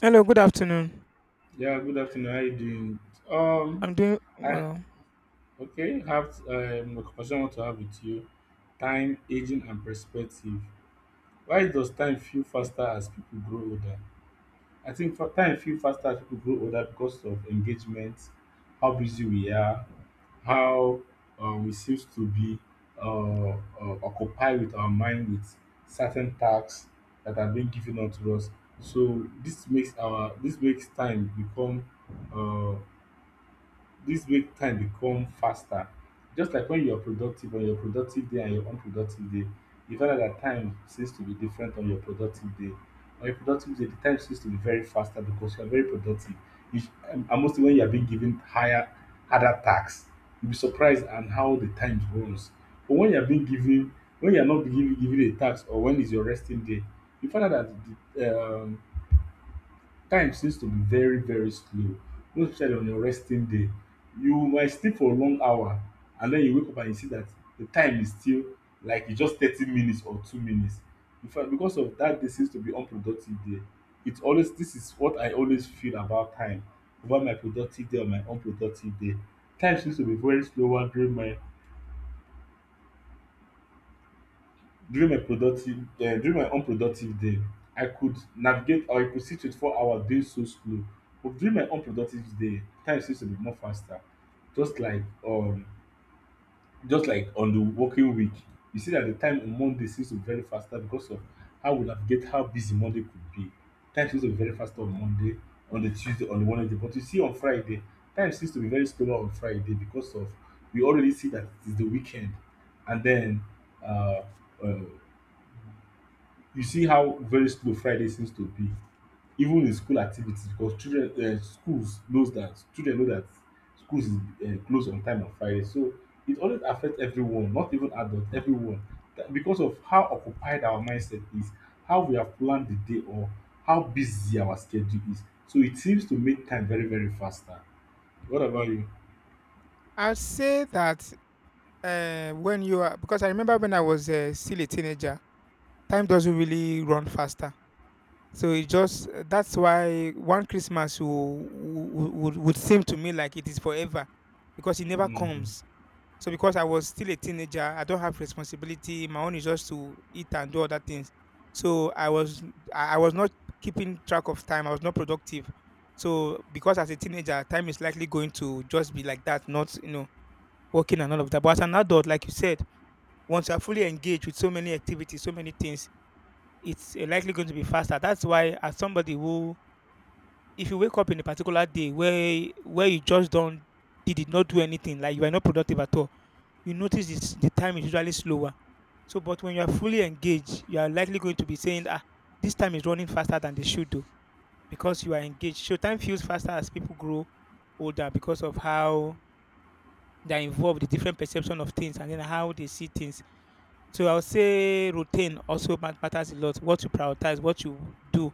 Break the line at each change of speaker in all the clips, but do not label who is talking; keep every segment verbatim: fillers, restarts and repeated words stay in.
Hello, good afternoon.
Yeah, good afternoon. How you doing? Um,
I'm doing
I
well.
Okay. Have um, a conversation I want to have with you. Time, aging, and perspective. Why does time feel faster as people grow older? I think fa- time feel faster as people grow older because of engagement, how busy we are, how uh, we seems to be uh, uh, occupied with our mind with certain tasks that are being given out to us. So this makes our this makes time become, uh, this break time become faster, just like when you're productive. On your productive day and your unproductive day, you find out that time seems to be different on your productive day On your productive day the time seems to be very faster because you're very productive. you sh- and and mostly when you're being given higher harder tasks, you'll be surprised on how the time runs. But when you're being given when you're not being given given a task, or when is your resting day, you find out that the, um, time seems to be very very slow, most especially on your resting day. You might sleep for a long hour and den you wake up and you see dat de time is still like e just thirty minutes or two minutes. Infact because of dat, day seems to be unproductive day. It always dis is what I always feel about time, about my productive day or my unproductive day. Time seems to be very slower during my during my productive um during my unproductive day. I could navigate or I could sit with four hours doing so slow. But during my unproductive day, time seems to be more faster, just like, um just like on the working week. You see that the time on Monday seems to be very faster because of how we navigate, how busy Monday could be. Time seems to be very faster on Monday, on the Tuesday, on the Wednesday, but you see on Friday, time seems to be very slower on Friday because of, we already see that it is the weekend. And then, uh, uh you see how very slow Friday seems to be, even in school activities, because children um schools knows that children know that schools is um close on time on Friday. So it always affects everyone, not even adult, everyone, that, because of how occupied our mindset is, how we have planned the day, or how busy our schedule is, so it seems to make time very very faster. What about you?
I'd say that uh, when you are, because I remember when I was uh, still a teenager, time doesn't really run faster. So it just, that's why one Christmas would, would, would seem to me like it is forever because it never
Mhm.
comes. So because I was still a teenager, I don't have responsibility. My own is just to eat and do other things. So I was I I was not keeping track of time. I was not productive. So because as a teenager, time is likely going to just be like that, not you know working and all of that. But as an adult, like you said, once you're fully engaged with so many activities, so many things, it's uh, likely going to be faster. That's why as somebody who if you wake up in a particular day where where you just don't, you did not do anything, like you are not productive at all, you notice it's, the time is usually slower. So, but when you are fully engaged, you are likely going to be saying, "Ah, this time is running faster than they should do," because you are engaged. So, time feels faster as people grow older because of how they are involved, the different perception of things, and then how they see things. So, I would say routine also mat- matters a lot. What you prioritize, what you do,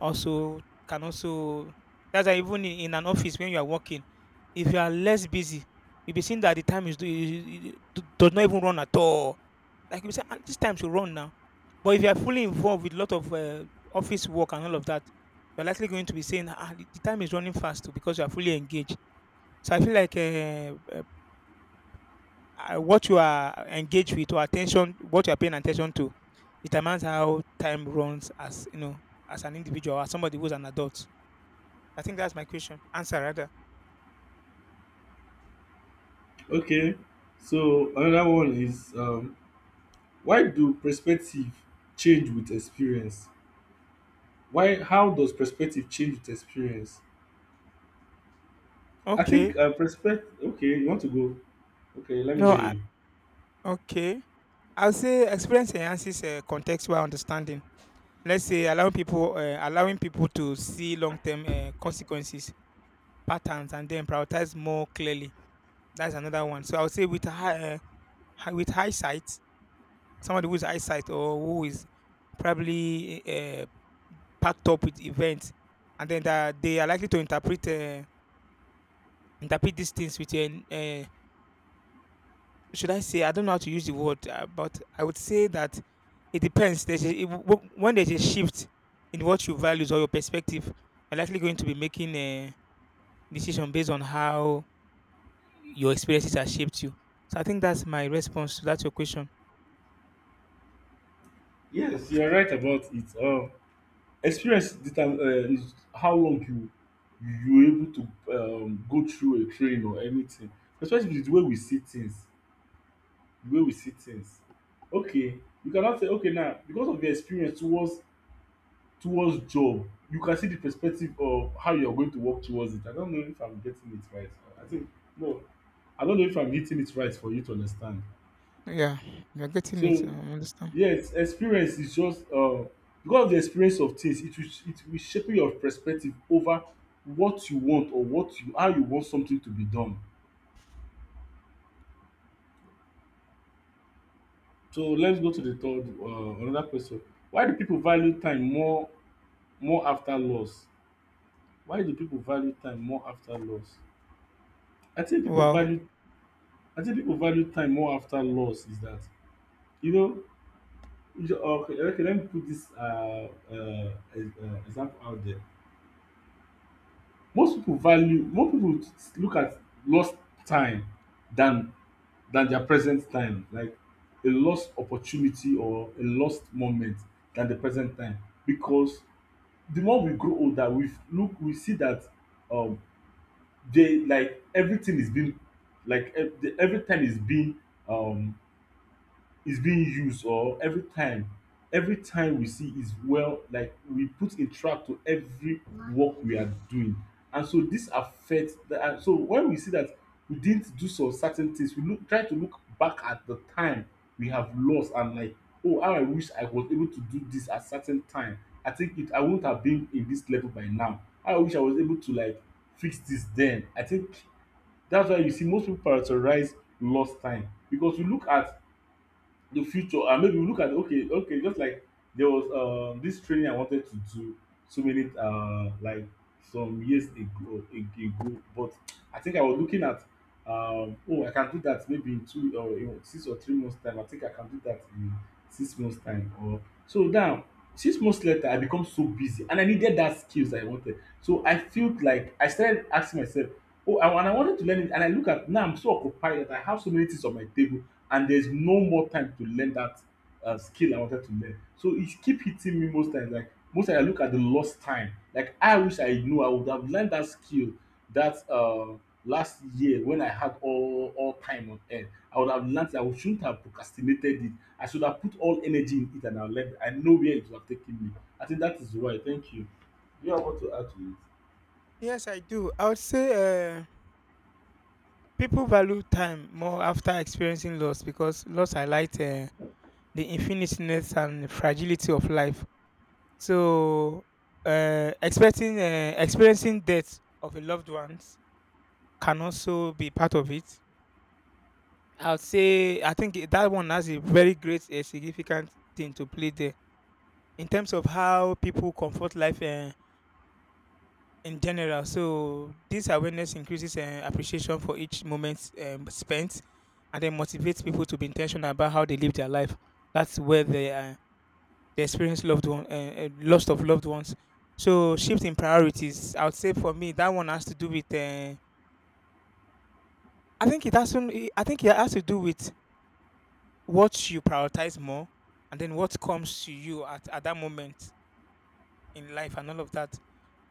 also can also, that's why even in, in an office when you are working, if you are less busy, you'll be seeing that the time is do- I- do- does not even run at all. Like you say, "Ah, this time should run now. But if you are fully involved with a lot of uh, office work and all of that, you're likely going to be saying, ah, the the time is running fast too because you are fully engaged. So I feel like uh, uh, uh, what you are engaged with or attention, what you are paying attention to, determines how time runs as you know as an individual, as somebody who's an adult. I think that's my question. Answer rather.
Okay, so another one is, um why do perspective change with experience? Why How does perspective change with experience? I
Okay.
think, uh, perspective okay, you want to go? Okay, let me
No.
hear
I,
you.
okay. I'll say experience enhances uh, contextual understanding. Let's say allowing people uh, allowing people to see long term uh, consequences, patterns, and then prioritize more clearly. That's another one. So I'll say with high, uh, hi- with hindsight, somebody who's eyesight or who is probably uh, packed up with events, and then that they are likely to interpret uh, interpret these things with a should I say? I don't know how to use the word, uh, but I would say that it depends. There's a, it, w- when there's a shift in what you values or your perspective, you're likely going to be making a decision based on how your experiences have shaped you. So I think that's my response to that your question.
Yes, you're right about it. Um, experience determ- uh, is how long you, you're able to, um, go through a train or anything. Perspective is the way we see things. The way we see things. Okay, you cannot say okay now because of your experience towards, towards job, you can see the perspective of how you're going to work towards it. I don't know if I'm getting it right. I think, no, I don't know if I'm hitting it right for you to understand.
Yeah, you're getting it. I
So
understand.
yes, experience is just, uh, because of the experience of things, it will, it will shape your perspective over what you want, or what you how you want something to be done. So let's go to the third uh, another question. Why do people value time more more after loss? Why do people value time more after loss? I think people
Wow.
value I think people value time more after loss is that, you know, you, ju- okay, okay, let me put this, uh, uh, ex- uh, example out there. Most people value, more people t- t- look at lost time, than than their present time, like a lost opportunity or a lost moment than the present time. Because the more we grow older, we f- look, we see that, um, they, like, everything is being, like ev- the- every time is being, um is being used, or every time every time we see is, well, like we put a track to every work we are doing. And so this affects the and so when we see that we didn't do some certain things, we look try to look back at the time we have lost, and like, "Oh, how I wish I was able to do this at certain time. I think, it I wouldn't have been in this level by now. How I wish I was able to, like, fix this." Then I think that's why you see most people prioritize lost time, because we look at the future, and maybe we look at, okay, okay, just like, there was, um this training I wanted to do so many, uh like, some years ago ago, but I think I was looking at, um oh, I can do that maybe in two, or in six or three months time. I think I can do that in six months time, or, so now, six months later, I become so busy and I needed that skills I wanted. So I felt like I started asking myself, "Oh, I, and I wanted to learn it." And I look at, now I'm so occupied that I have so many things on my table, and there's no more time to learn that, uh, skill I wanted to learn. So it keep hitting me most times. Like, most times I look at the lost time. Like, I wish I knew, I would have learned that skill that, uh, last year when I had all all time on earth. I would have learned it. I shouldn't have procrastinated it. I should have put all energy in it and I learned. I know where it would have taken me. I think that is why. Thank you. Do you have what to add to it?
Yes, I do. I would say uh, people value time more after experiencing loss because loss highlights uh, the infiniteness and fragility of life So, uh, expecting uh, experiencing death of a loved ones can also be part of it. I would say I think it- that one has a very great a significant thing to play there in terms of how people comfort life uh, in general. So this awareness increases uh, appreciation for each moment um, spent, and then motivates people to be intentional about how they live their life. That's where they are. they experience loved one uh, uh, loss of loved ones. So shift in priorities, I would say for me that one has to do with. Uh, I think it has to. it- I think it has to do with what you prioritize more, and then what comes to you at at that moment in life and all of that.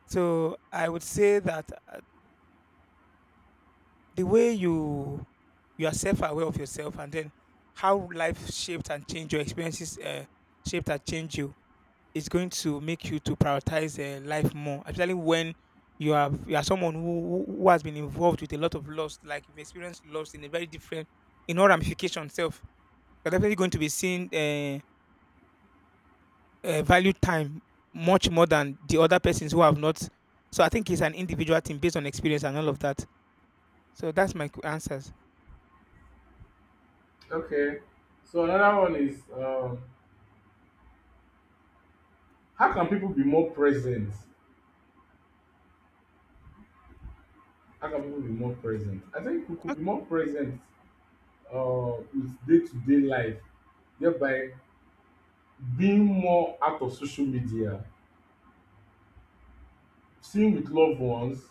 So I would say that uh, the way you you are self aware of yourself, and then how life shaped and changed your experiences, uh, shaped and changed you Is going to make you to prioritize uh, life more, especially when you are you are someone who, who who has been involved with a lot of loss, like you've experienced loss in a very different, in all ramification self. You're definitely going to be seeing uh, uh, value time much more than the other persons who have not. So I think it's an individual thing based on experience and all of that. So that's my qu- answers.
Okay. So another one is, um, how can people be more present how can people be more present? I think we could
Ok,
be more present, uh, with day to day life, thereby being more out of social media, seeing with loved ones,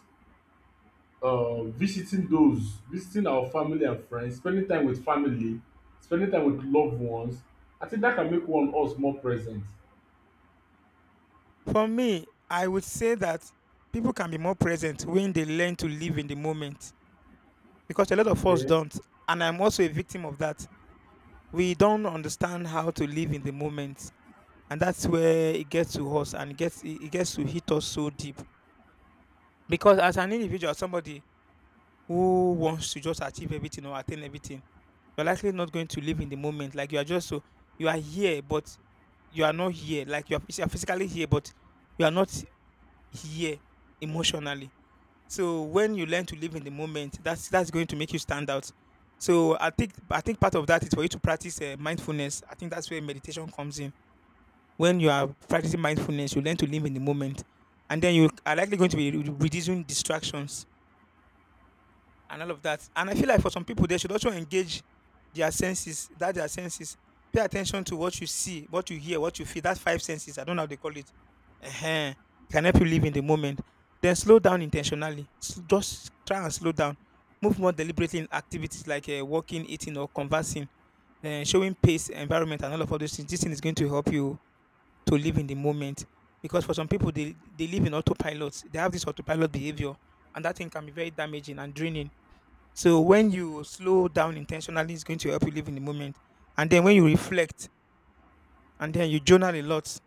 uh, visiting those, visiting our family and friends, spending time with family, spending time with loved ones. I think that can make one us more present.
for me, I would say that people can be more present when they learn to live in the moment because a lot of us
Okay,
don't. And I'm also a victim of that. we don't understand how to live in the moment and that's where it gets to us and it gets it it gets to hit us so deep because as an individual somebody who wants to just achieve everything or attain everything you're likely not going to live in the moment like you are just so you are here but you are not here like you are, you are physically here but you are not here emotionally so when you learn to live in the moment that's that's going to make you stand out so i think i think part of that is for you to practice uh, mindfulness. I think that's where meditation comes in. When you are practicing mindfulness, you learn to live in the moment, and then you are likely going to be re- reducing distractions and all of that. And I feel like for some people, they should also engage their senses, that their senses. Pay attention to what you see, what you hear, what you feel. That's five senses. I don't know how they call it. uh It can help you live in the moment. Then slow down intentionally. S- Just try and slow down. Move more deliberately in activities like uh, walking, eating, or conversing, uh, showing pace, environment, and all of all those things. This thing is going to help you to live in the moment. Because for some people, they, they live in autopilot. They have this autopilot behavior, and that thing can be very damaging and draining. So when you slow down intentionally, it's going to help you live in the moment. And then when you reflect and then you journal a lot,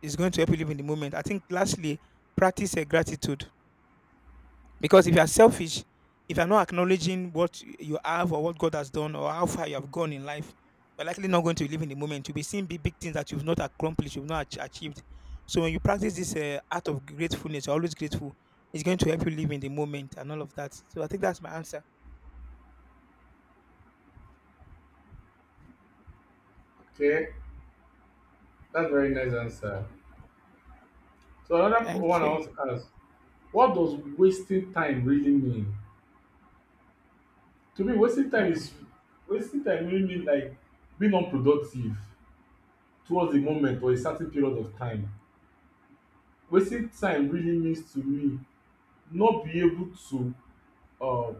it's going to help you live in the moment. I think lastly, practice a gratitude. Because if you are selfish, if you're not acknowledging what you have or what God has done or how far you have gone in life, you're likely not going to live in the moment. You'll be seeing big, big things that you've not accomplished, you've not ach- achieved. So when you practice this uh, art of gratefulness, you're always grateful, it's going to help you live in the moment and all of that. So I think that's my answer.
okay, that's very nice answer. So another p-
Thank
one I
you.
want to ask: what does wasting time really mean? To me wasting
Oh,
time is wasting time really mean, like, being unproductive towards a moment or a certain period of time. Wasting time really means to me, not be able to, um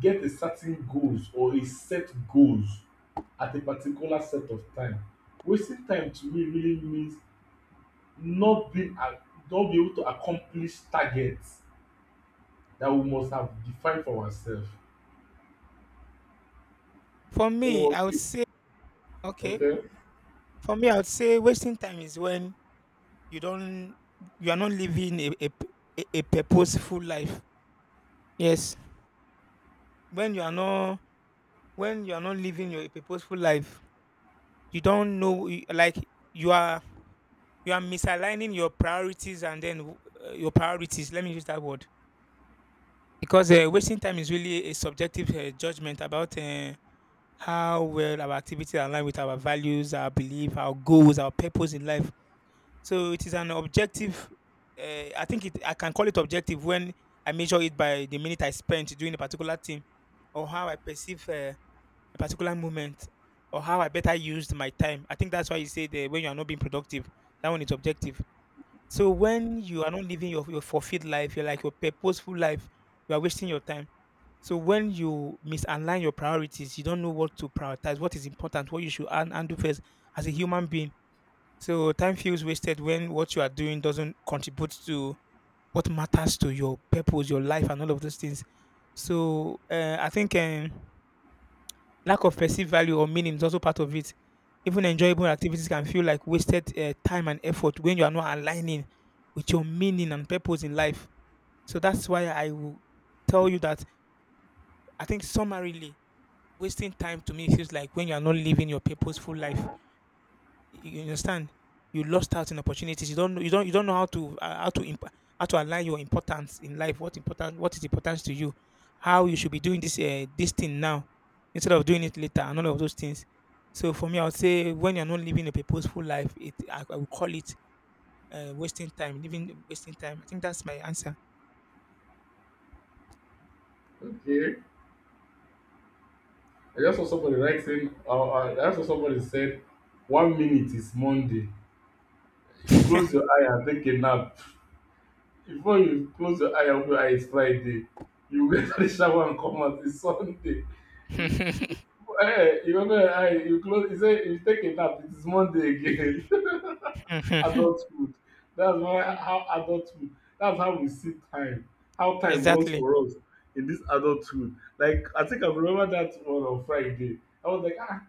get a certain goals or a set goals at a particular set of time. Wasting time to me really means, not being a not be able to accomplish target that we must have defined for ourself.
for me,
So
I would
okay,
say, okay,
okay,
for me, I would say wasting time is when you don't, you are not living a a a a purposeful life, yes, when you are not when you are not living your purposeful life you don't know y- like you are you are misaligning your priorities and then uh, your priorities, let me use that word, because uh, wasting time is really a subjective uh, judgment about uh, how well our activities align with our values, our belief, our goals, our purpose in life. So it is an objective. Uh, I think it. I can call it objective when I measure it by the minute I spent doing a particular thing, or how I perceive uh, a particular moment, or how I better used my time. I think that's why you say that when you are not being productive, that one is objective. So when you are not living your, your fulfilled life, you're like your purposeful life, you are wasting your time. So when you misalign your priorities, you don't know what to prioritize, what is important, what you should and do first as a human being so time feels wasted when what you are doing doesn't contribute to what matters to your purpose, your life, and all of those things. So uh, I think um, lack of perceived value or meaning is also part of it. Even enjoyable activities can feel like wasted uh, time and effort when you are not aligning with your meaning and purpose in life. So that's why I will tell you that I think summarily, wasting time to me feels like when you are not living your purposeful life. You understand? You lost out in opportunities. You don't know. You don't. You don't know how to uh, how to imp- how to align your importance in life. What important? What is important to you? How you should be doing this uh, this thing now instead of doing it later, and all of those things. So for me, I would say when you're not living a purposeful life, it I, I would call it uh, wasting time. Living wasting time. I think that's my answer.
okay. I just saw somebody writing, or uh, I just saw somebody said, one minute is Monday. You close your eye and take a nap. Before you close your eye and open your eye, it's Friday. You get to the shower and come out, it's Sunday. Eh, you open your eye, you close, you say, you take a nap, it is Monday again. Adulthood. That's why how adulthood, that's how we see time, how time runs
Exactly.
for us in this adulthood. Like, I think I remember that one on Friday, I was like, "Ah,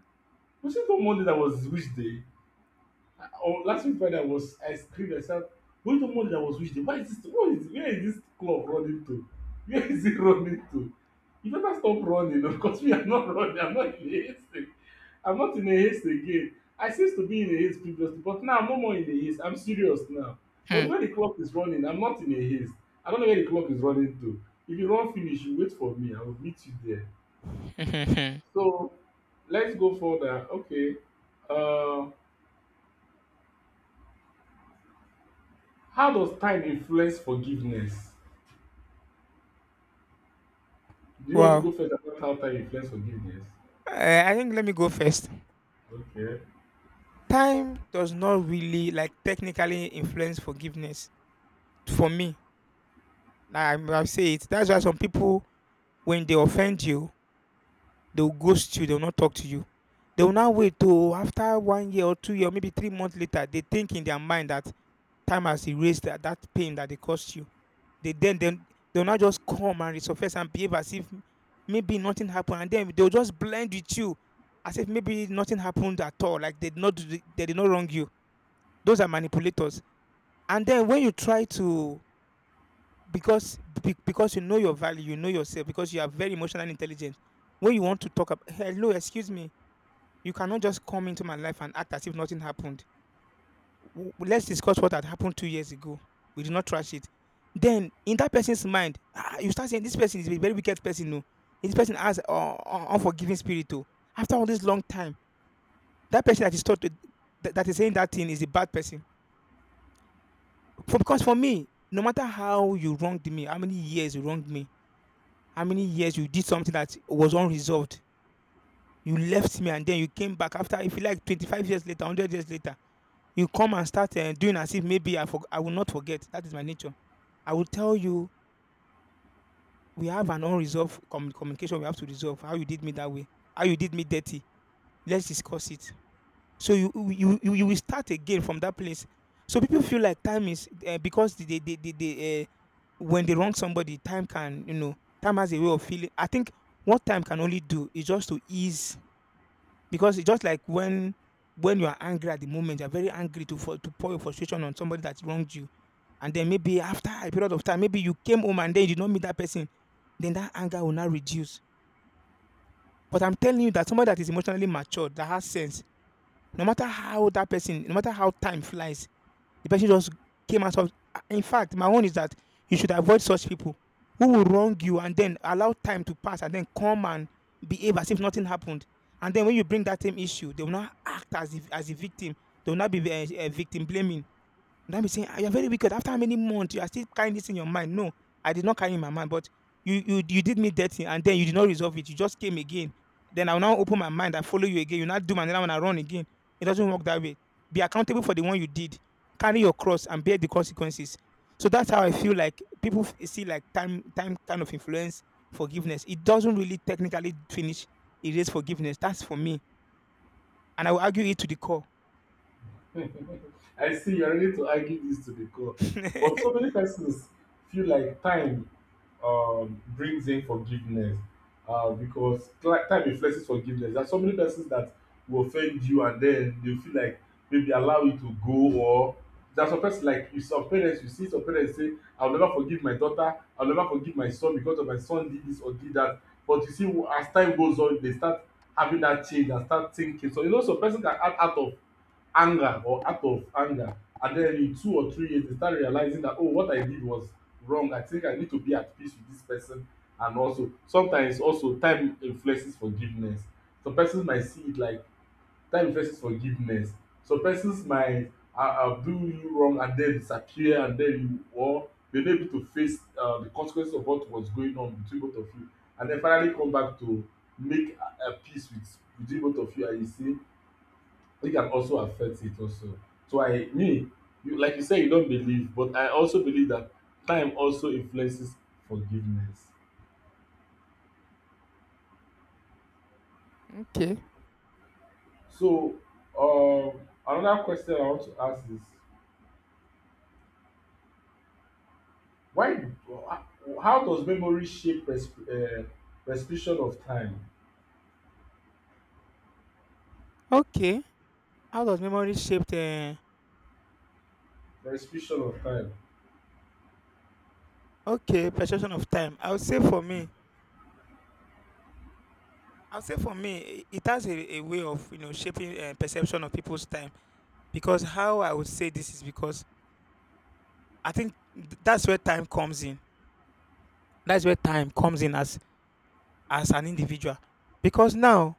was it on Monday, that was which day?" On last week Friday, i was I screamed, I said, wait till Monday. I was with them, why is this? What is Where is this club running to? Where is it running to? You better stop running, o, because me, I'm not running. I'm not in a haste. I'm not in a haste again. I seems to be in a haste previously, but now I'm no more in a haste. I'm serious now. But
Hmm.
the way the clock is running, I'm not in a haste. I don't know where the clock is running to. If you run finish, you wait for me, I will meet you there. So let's go further. Okay, um how does time influence forgiveness? Do you want to
Wow.
go first about how time influence forgiveness?
Uh, I think let me go first.
Okay.
Time does not really, like, technically influence forgiveness for me. I I say it. That's why some people, when they offend you, they'll ghost you, they'll not talk to you. They'll now wait till after one year or two year, maybe three months later, they think in their mind that time has erased that that pain that they caused you. They then then they'll not just come and resurface and behave as if maybe nothing happened, and then they'll just blend with you as if maybe nothing happened at all, like they did not do the they did not wrong you. Those are manipulators. And then when you try to because be- because you know your value, you know yourself, because you are very emotionally intelligent. When you want to talk about hello, excuse me, you cannot just come into my life and act as if nothing happened. W- Let's discuss what had happened two years ago. We did not trash it. Then in that person's mind, ah, you start saying this person is a very wicked person. No, this person has uh, un- unforgiving spirit. Too. After all this long time, that person that is taught to, that, that is saying that thing is a bad person. For because for me, no matter how you wronged me, how many years you wronged me, how many years you did something that was unresolved, you left me and then you came back after, if you like, twenty-five years later, one hundred years later, you come and start uh, doing as if maybe I, forg I will not forget. That is my nature. I will tell you, we have an unresolved commu- communication we have to resolve. How you did me that way, how you did me dirty. Let's discuss it. So you you you, you will start again from that place. So people feel like time is uh, because they they they, they, they uh, when they wrong somebody, time can, you know, time has a way of feeling. I think what time can only do is just to ease because it's just like when when you are angry at the moment, you're very angry to for, to pour your frustration on somebody that wronged you. And then maybe after a period of time, maybe you came home and then you did not meet that person, then that anger will not reduce. But I'm telling you that somebody that is emotionally matured, that has sense, no matter how that person, no matter how time flies, the person just came out of. In fact, my own is that you should avoid such people who will wrong you and then allow time to pass and then come and behave as if nothing happened. And then when you bring that same issue, they will not act as if as a victim. They will not be uh, uh, victim blaming. Would I be saying, "Ah, you're very wicked. After how many months you are still carrying this in your mind?" No, I did not carry in my mind, but you you you did me dirty, and then you did not resolve it. You just came again. Then I will now open my mind. I follow you again. You now do another one. I run again. It doesn't work that way. Be accountable for the one you did. Carry your cross and bear the consequences. So that's how I feel like people f- see like time time kind of influence forgiveness. It doesn't really technically finish erase forgiveness. That's for me, and I will argue it to the core.
I see you're ready to argue this to the core. But so many persons feel like time, um, brings in forgiveness, uh, because, cli- time reflects forgiveness. There are so many persons that will offend you, and then they feel like maybe allow you to go. Or there's some person, like you, some parents, you see some parents say I'll never forgive my daughter, I'll never forgive my son because of my son did this or did that. But you see, as time goes on they start having that change and start thinking. So you know, some person can act out of anger or out of anger, and then in two or three years they start realizing that oh, what I did was wrong, I think I need to be at peace with this person. And also sometimes also time influences forgiveness. Some persons might see it like time influences forgiveness. Some persons might uh, uh, do you wrong and then disappear, and then you, or you're not able to face uh, the consequences of what was going on between both of you, and then finally come back to make uh, uh, peace with between both of you, and you say it can also affect it also. So I me, you, like you said, you don't believe, but I also believe that time also influences forgiveness.
Okay.
So um, another question I want to ask is why? How does memory shape persp uh, perception of time?
Okay. How does memory shape the
Perception of time.
Okay, perception of time. I would say for me, I would say for me, i- it has a, a way of you know shaping uh, perception of people's time. Because how I would say this is because I think th- that's where time comes in. That's where time comes in as as an individual. Because now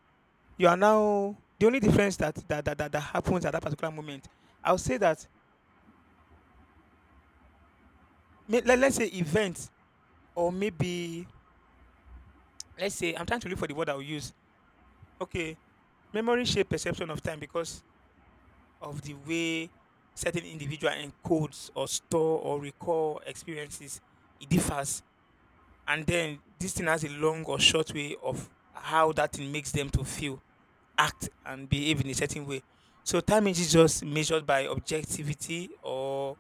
you are now the only difference that that that, that, that happens at that particular moment. I would say that may- let, let's say events or maybe let's say I'm trying to look for the word I will use. Okay, memory shape perception of time because of the way certain individual encodes or store or recall experiences, it differs. And then this thing has a long or short way of how that thing makes them to feel, act, and behave in a certain way. So time is just measured by objectivity or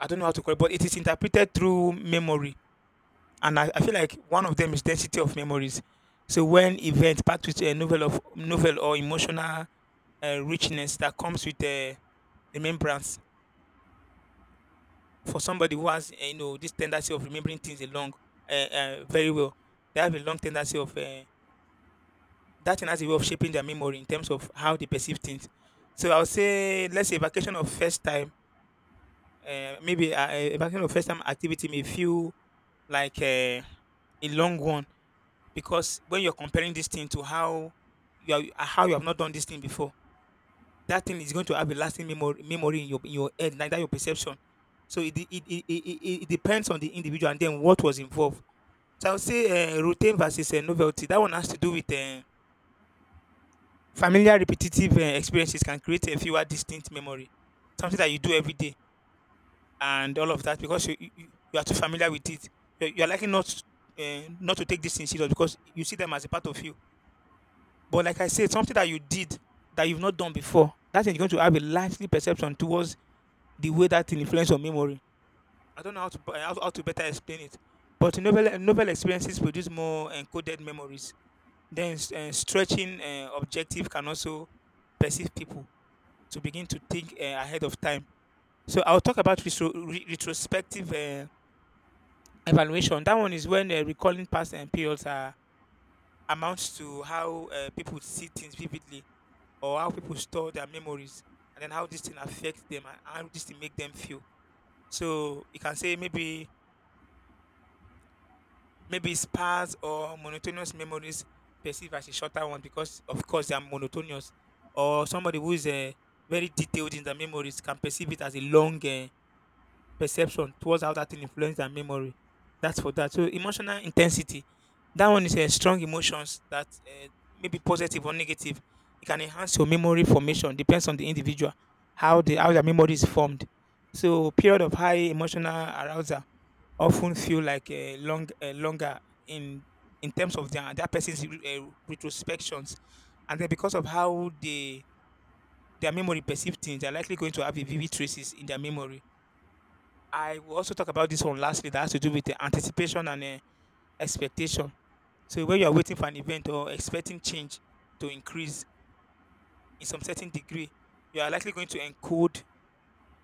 I don't know how to call it, but it is interpreted through memory. And I, I feel like one of them is density of memories. So when event packed with a novel of novel or emotional uh, richness that comes with uh, remembrance for somebody who has eh, you know this tendency of remembering things along uh, uh, very well. They have a long tendency of uh, that thing has a way of shaping their memory in terms of how they perceive things. So I'll say, let's say vacation of first time, uh, maybe uh, a vacation of first time activity may feel like uh, a long one because when you're comparing this thing to how you are, how you have not done this thing before, that thing is going to have a lasting memory memory in your in your head, like that your perception. So it de- it, it, it, it it depends on the individual and then what was involved. So I would say uh, routine versus uh, novelty. That one has to do with uh, familiar, repetitive uh, experiences can create a fewer distinct memory, something that you do every day and all of that because you you, you you are too familiar with it. You're, you're likely not uh, not to take this thing serious because you see them as a part of you. But like I said, something that you did that you've not done before, that is going to have a lively perception towards the way that thing influence your memory. I don't know how to b- how, how to better explain it, but novel novel experiences produce more encoded memories. Then uh, stretching uh, objective can also perceive people to begin to think uh, ahead of time. So I'll talk about retro, re- retrospective uh, evaluation. That one is when uh, recalling past and periods are, amounts to how uh, people see things vividly or how people store their memories and then how this thing affects them and how this thing make them feel. So you can say maybe Maybe spas or monotonous memories perceived as a shorter one because, of course, they are monotonous. Or somebody who is uh, very detailed in their memories can perceive it as a long uh, perception towards how that thing influence their memory. That's for that. So emotional intensity, that one is a strong emotions that uh, maybe positive or negative. It can enhance your memory formation. Depends on the individual how the how their memory is formed. So period of high emotional arousal often feel like a long a longer in in terms of their that person's uh, retrospections, and then because of how they their memory perceive things, they're likely going to have a vivid traces in their memory. I will also talk about this one lastly that has to do with the anticipation and uh, expectation. So when you are waiting for an event or expecting change to increase in some certain degree, you are likely going to encode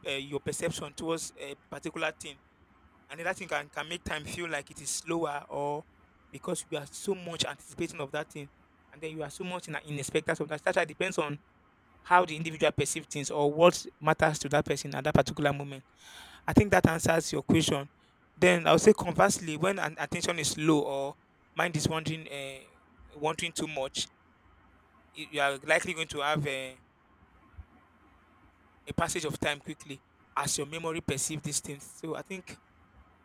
uh, your perception towards a particular thing, and then that thing can, can make time feel like it is slower or because you are so much anticipating of that thing, and then you are so much in, in expectation of that. That depends on how the individual perceives things or what matters to that person at that particular moment. I think that answers your question. Then I would say conversely, when an attention is low or mind is wandering, uh, wanting too much, y- you are likely going to have a, a passage of time quickly as your memory perceives these things. So I think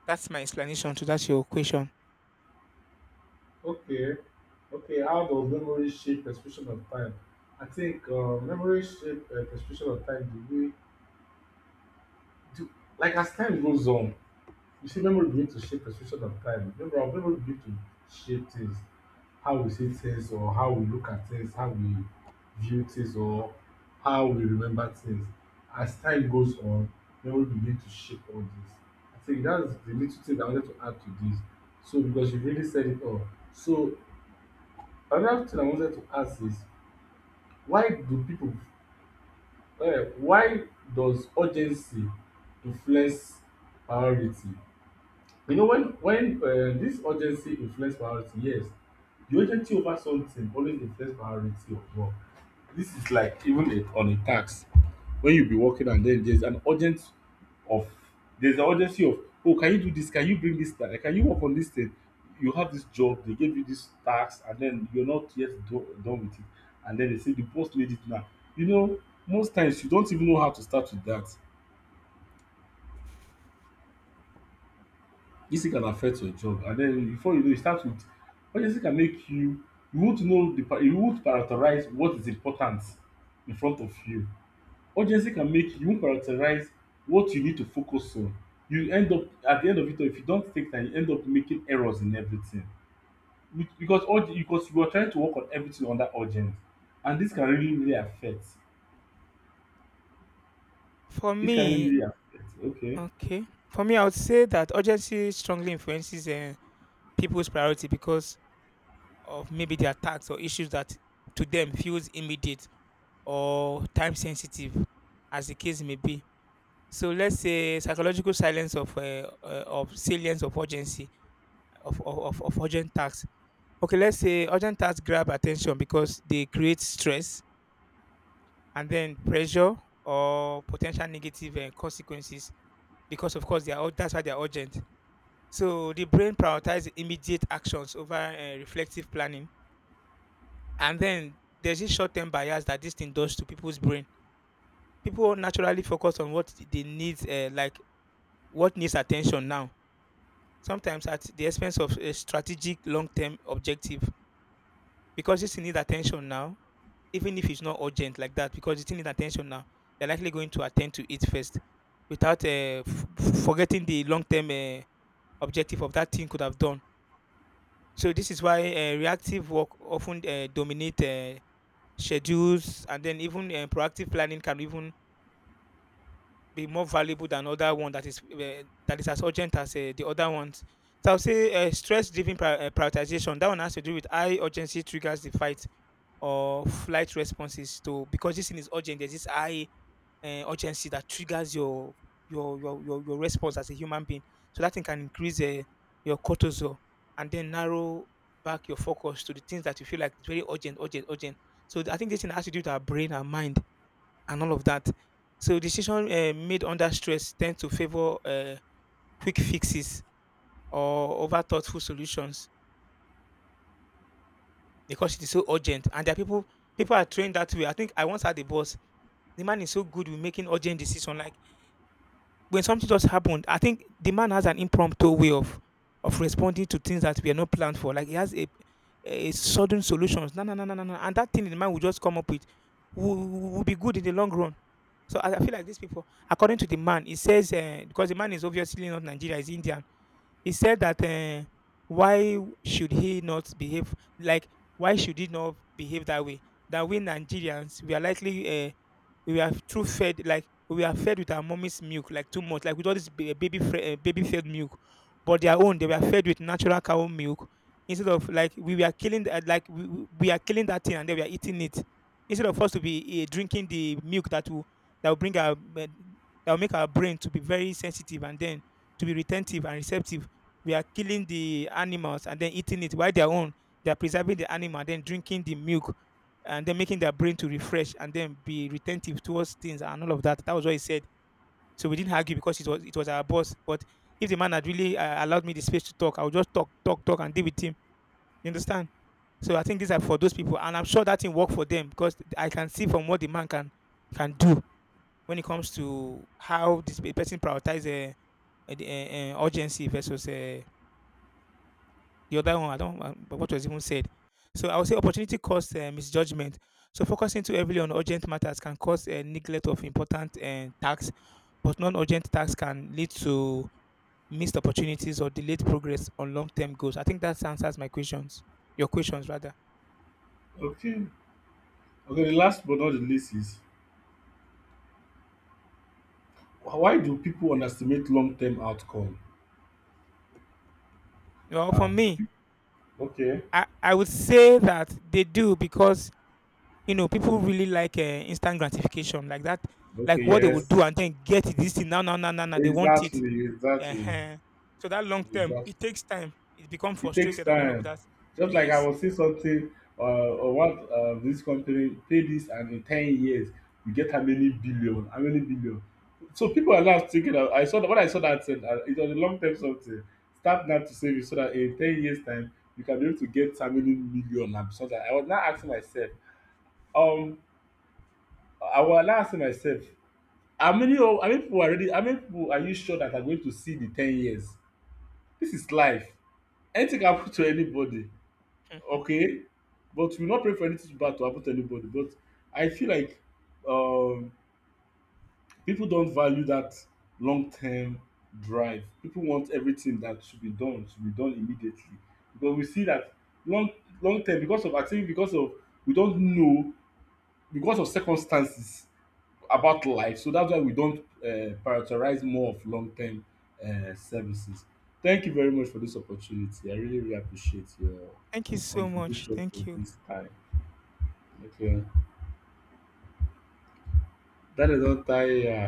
that's my explanation to that your question.
Okay, okay. How does memory shape perception of time? I think uh, memory shape uh, perception of time the way, do, like as time goes on. You see, memory begin to shape perception of time. Memory, our memory begin to shape things, how we see things, or how we look at things, how we view things, or how we remember things. As time goes on, memory begin to shape all this. I think that's the little thing I wanted to add to this. So, because you really said it all. So, another thing I wanted to ask is why do people, uh, why does urgency influence priority? You know, when when um, this urgency influence priority, yes, the urgency over something always influence priority of work. This is like even a, on a tax, when you be working and then there's an urgent of, there's an urgency of oh, can you do this, can you bring this thing, can you work on this thing, you have this job, they gave you this tax and then you're not yet do, done with it, and then they say the boss made it now, you know, most times you don't even know how to start with that. This thing can affect your job, and then before you know you start with urgency. Can make you, you won't know the pri- you won't prioritize what is important in front of you. Urgency can make you won't prioritize what you need to focus on. You end up at the end of it all, if you don't take time you end up making errors in everything. Be- because urg because you are trying to work on everything under urgent, and this can really really affect,
For
this can really
me,
really affect. Okay,
okay. For me, I would say that urgency strongly influences uh, people's priority because of maybe their tasks or issues that to them feels immediate or time sensitive, as the case may be. So let's say psychological silence of uh, uh, of salience of urgency of, of of of urgent tasks. Okay, let's say urgent tasks grab attention because they create stress and then pressure or potential negative uh, consequences because, of course, they are ur- that's why they are urgent. So the brain prioritizes immediate actions over uh, reflective planning. And then there's this short term bias that this thing does to people's brain. People naturally focus on what they need, uh, like what needs attention now, sometimes at the expense of a strategic long term objective. Because this thing needs attention now, even if it's not urgent like that, because it needs attention now, they're likely going to attend to it first without uh, f- f- forgetting the long term uh, objective of that thing could have done. So this is why uh, reactive work often uh, dominate. Uh, schedules, and then even um, proactive planning can even be more valuable than other one that is uh, that is as urgent as uh, the other ones. So I'll say uh, stress driven pri- uh, prioritization. That one has to do with high urgency triggers the fight or flight responses to, because this thing is urgent. There's this high uh, urgency that triggers your your your your your response as a human being. So that thing can increase uh, your cortisol and then narrow back your focus to the things that you feel like it's very urgent, urgent, urgent. So I think this thing has to do with our brain, our mind, and all of that. So decision uh, made under stress tend to favor uh, quick fixes or over thoughtful solutions because it is so urgent. And there are people people are trained that way. I think I once had a boss. The man is so good with making urgent decision. Like when something just happened, I think the man has an impromptu way of of responding to things that were not planned for. Like he has a a sudden solutions. No, no, no, no, no, no. And that thing the man will just come up with will, will will be good in the long run. So I, I feel like these people, according to the man, he says uh, because the man is obviously not Nigeria, he's Indian. He said that uh, why should he not behave like, why should he not behave that way? That we Nigerians we are likely uh, we were too fed, like we were fed with our mommy's milk, like too much, like with all this ba- eh, baby fre- uh, baby fed milk, but their own they were fed with natural cow milk, instead of like we were killing the, like we, we we are killing that thing and they were eating it instead of us to be uh, drinking the milk that will, that will bring our uh, that will make our brain to be very sensitive and then to be retentive and receptive. We are killing the animals and then eating it, while their own they are preserving the animal and then drinking the milk and then making their brain to refresh and then be retentive towards things, and all of that. That was what he said. So we didn't argue because it was it was our boss. But if the man had really uh, allowed me the space to talk, I would just talk, talk, talk, and deal with him. You understand? So I think these are for those people, and I'm sure that thing work for them because I can see from what the man can can do when it comes to how this pe- person prioritize uh, uh, the, uh, uh, urgency versus uh, the other one, I don't um, what was even said. So I would say opportunity cost uh, misjudgment. So focusing too heavily on urgent matters can cause uh, neglect of important uh, tasks, but non-urgent tasks can lead to missed opportunities or delayed progress on long-term goals. I think that answers my questions. Your questions rather.
okay, okay. The last but not the least is why do people underestimate long term outcome.
Well, for
Ah,
me,
okay,
I, I would say that they do because you know people really like uh, instant gratification like that,
okay,
like what they would do
yes,
and then get it, this thing now now now now now they want it.
exactly, exactly,
uh so that long term
exactly.
it takes time, it becomes
It takes
frustrated and all of
time.
that.
Just like I
Yes.
was saying something, uh, or what uh, this company pay this, and in ten years you get how many billion, how many billion. So people are now thinking. Of, I saw that, when I saw that said uh, it was a long term something. Start now to save it so that in ten years time you can be able to get how many million, and so that I was now asking myself. Um, I was now asking myself how many of, how many people are already, how many people are you sure that are going to see the ten years? This is life. Anything can happen to anybody,
Mhm.
okay? But we no pray for anything bad to happen to anybody. But I feel like um people don't value that long term drive. People want everything that should be done should be done immediately. Because we see that long, long term because of, I think because of, we don't know, because of circumstances about life. So that's why we don't uh, prioritize more of long term uh, services. Thank you very much for this opportunity. I really, really appreciate your
Thank you so much,
contribution
thank
for
you.
this time. Okay. That is all time.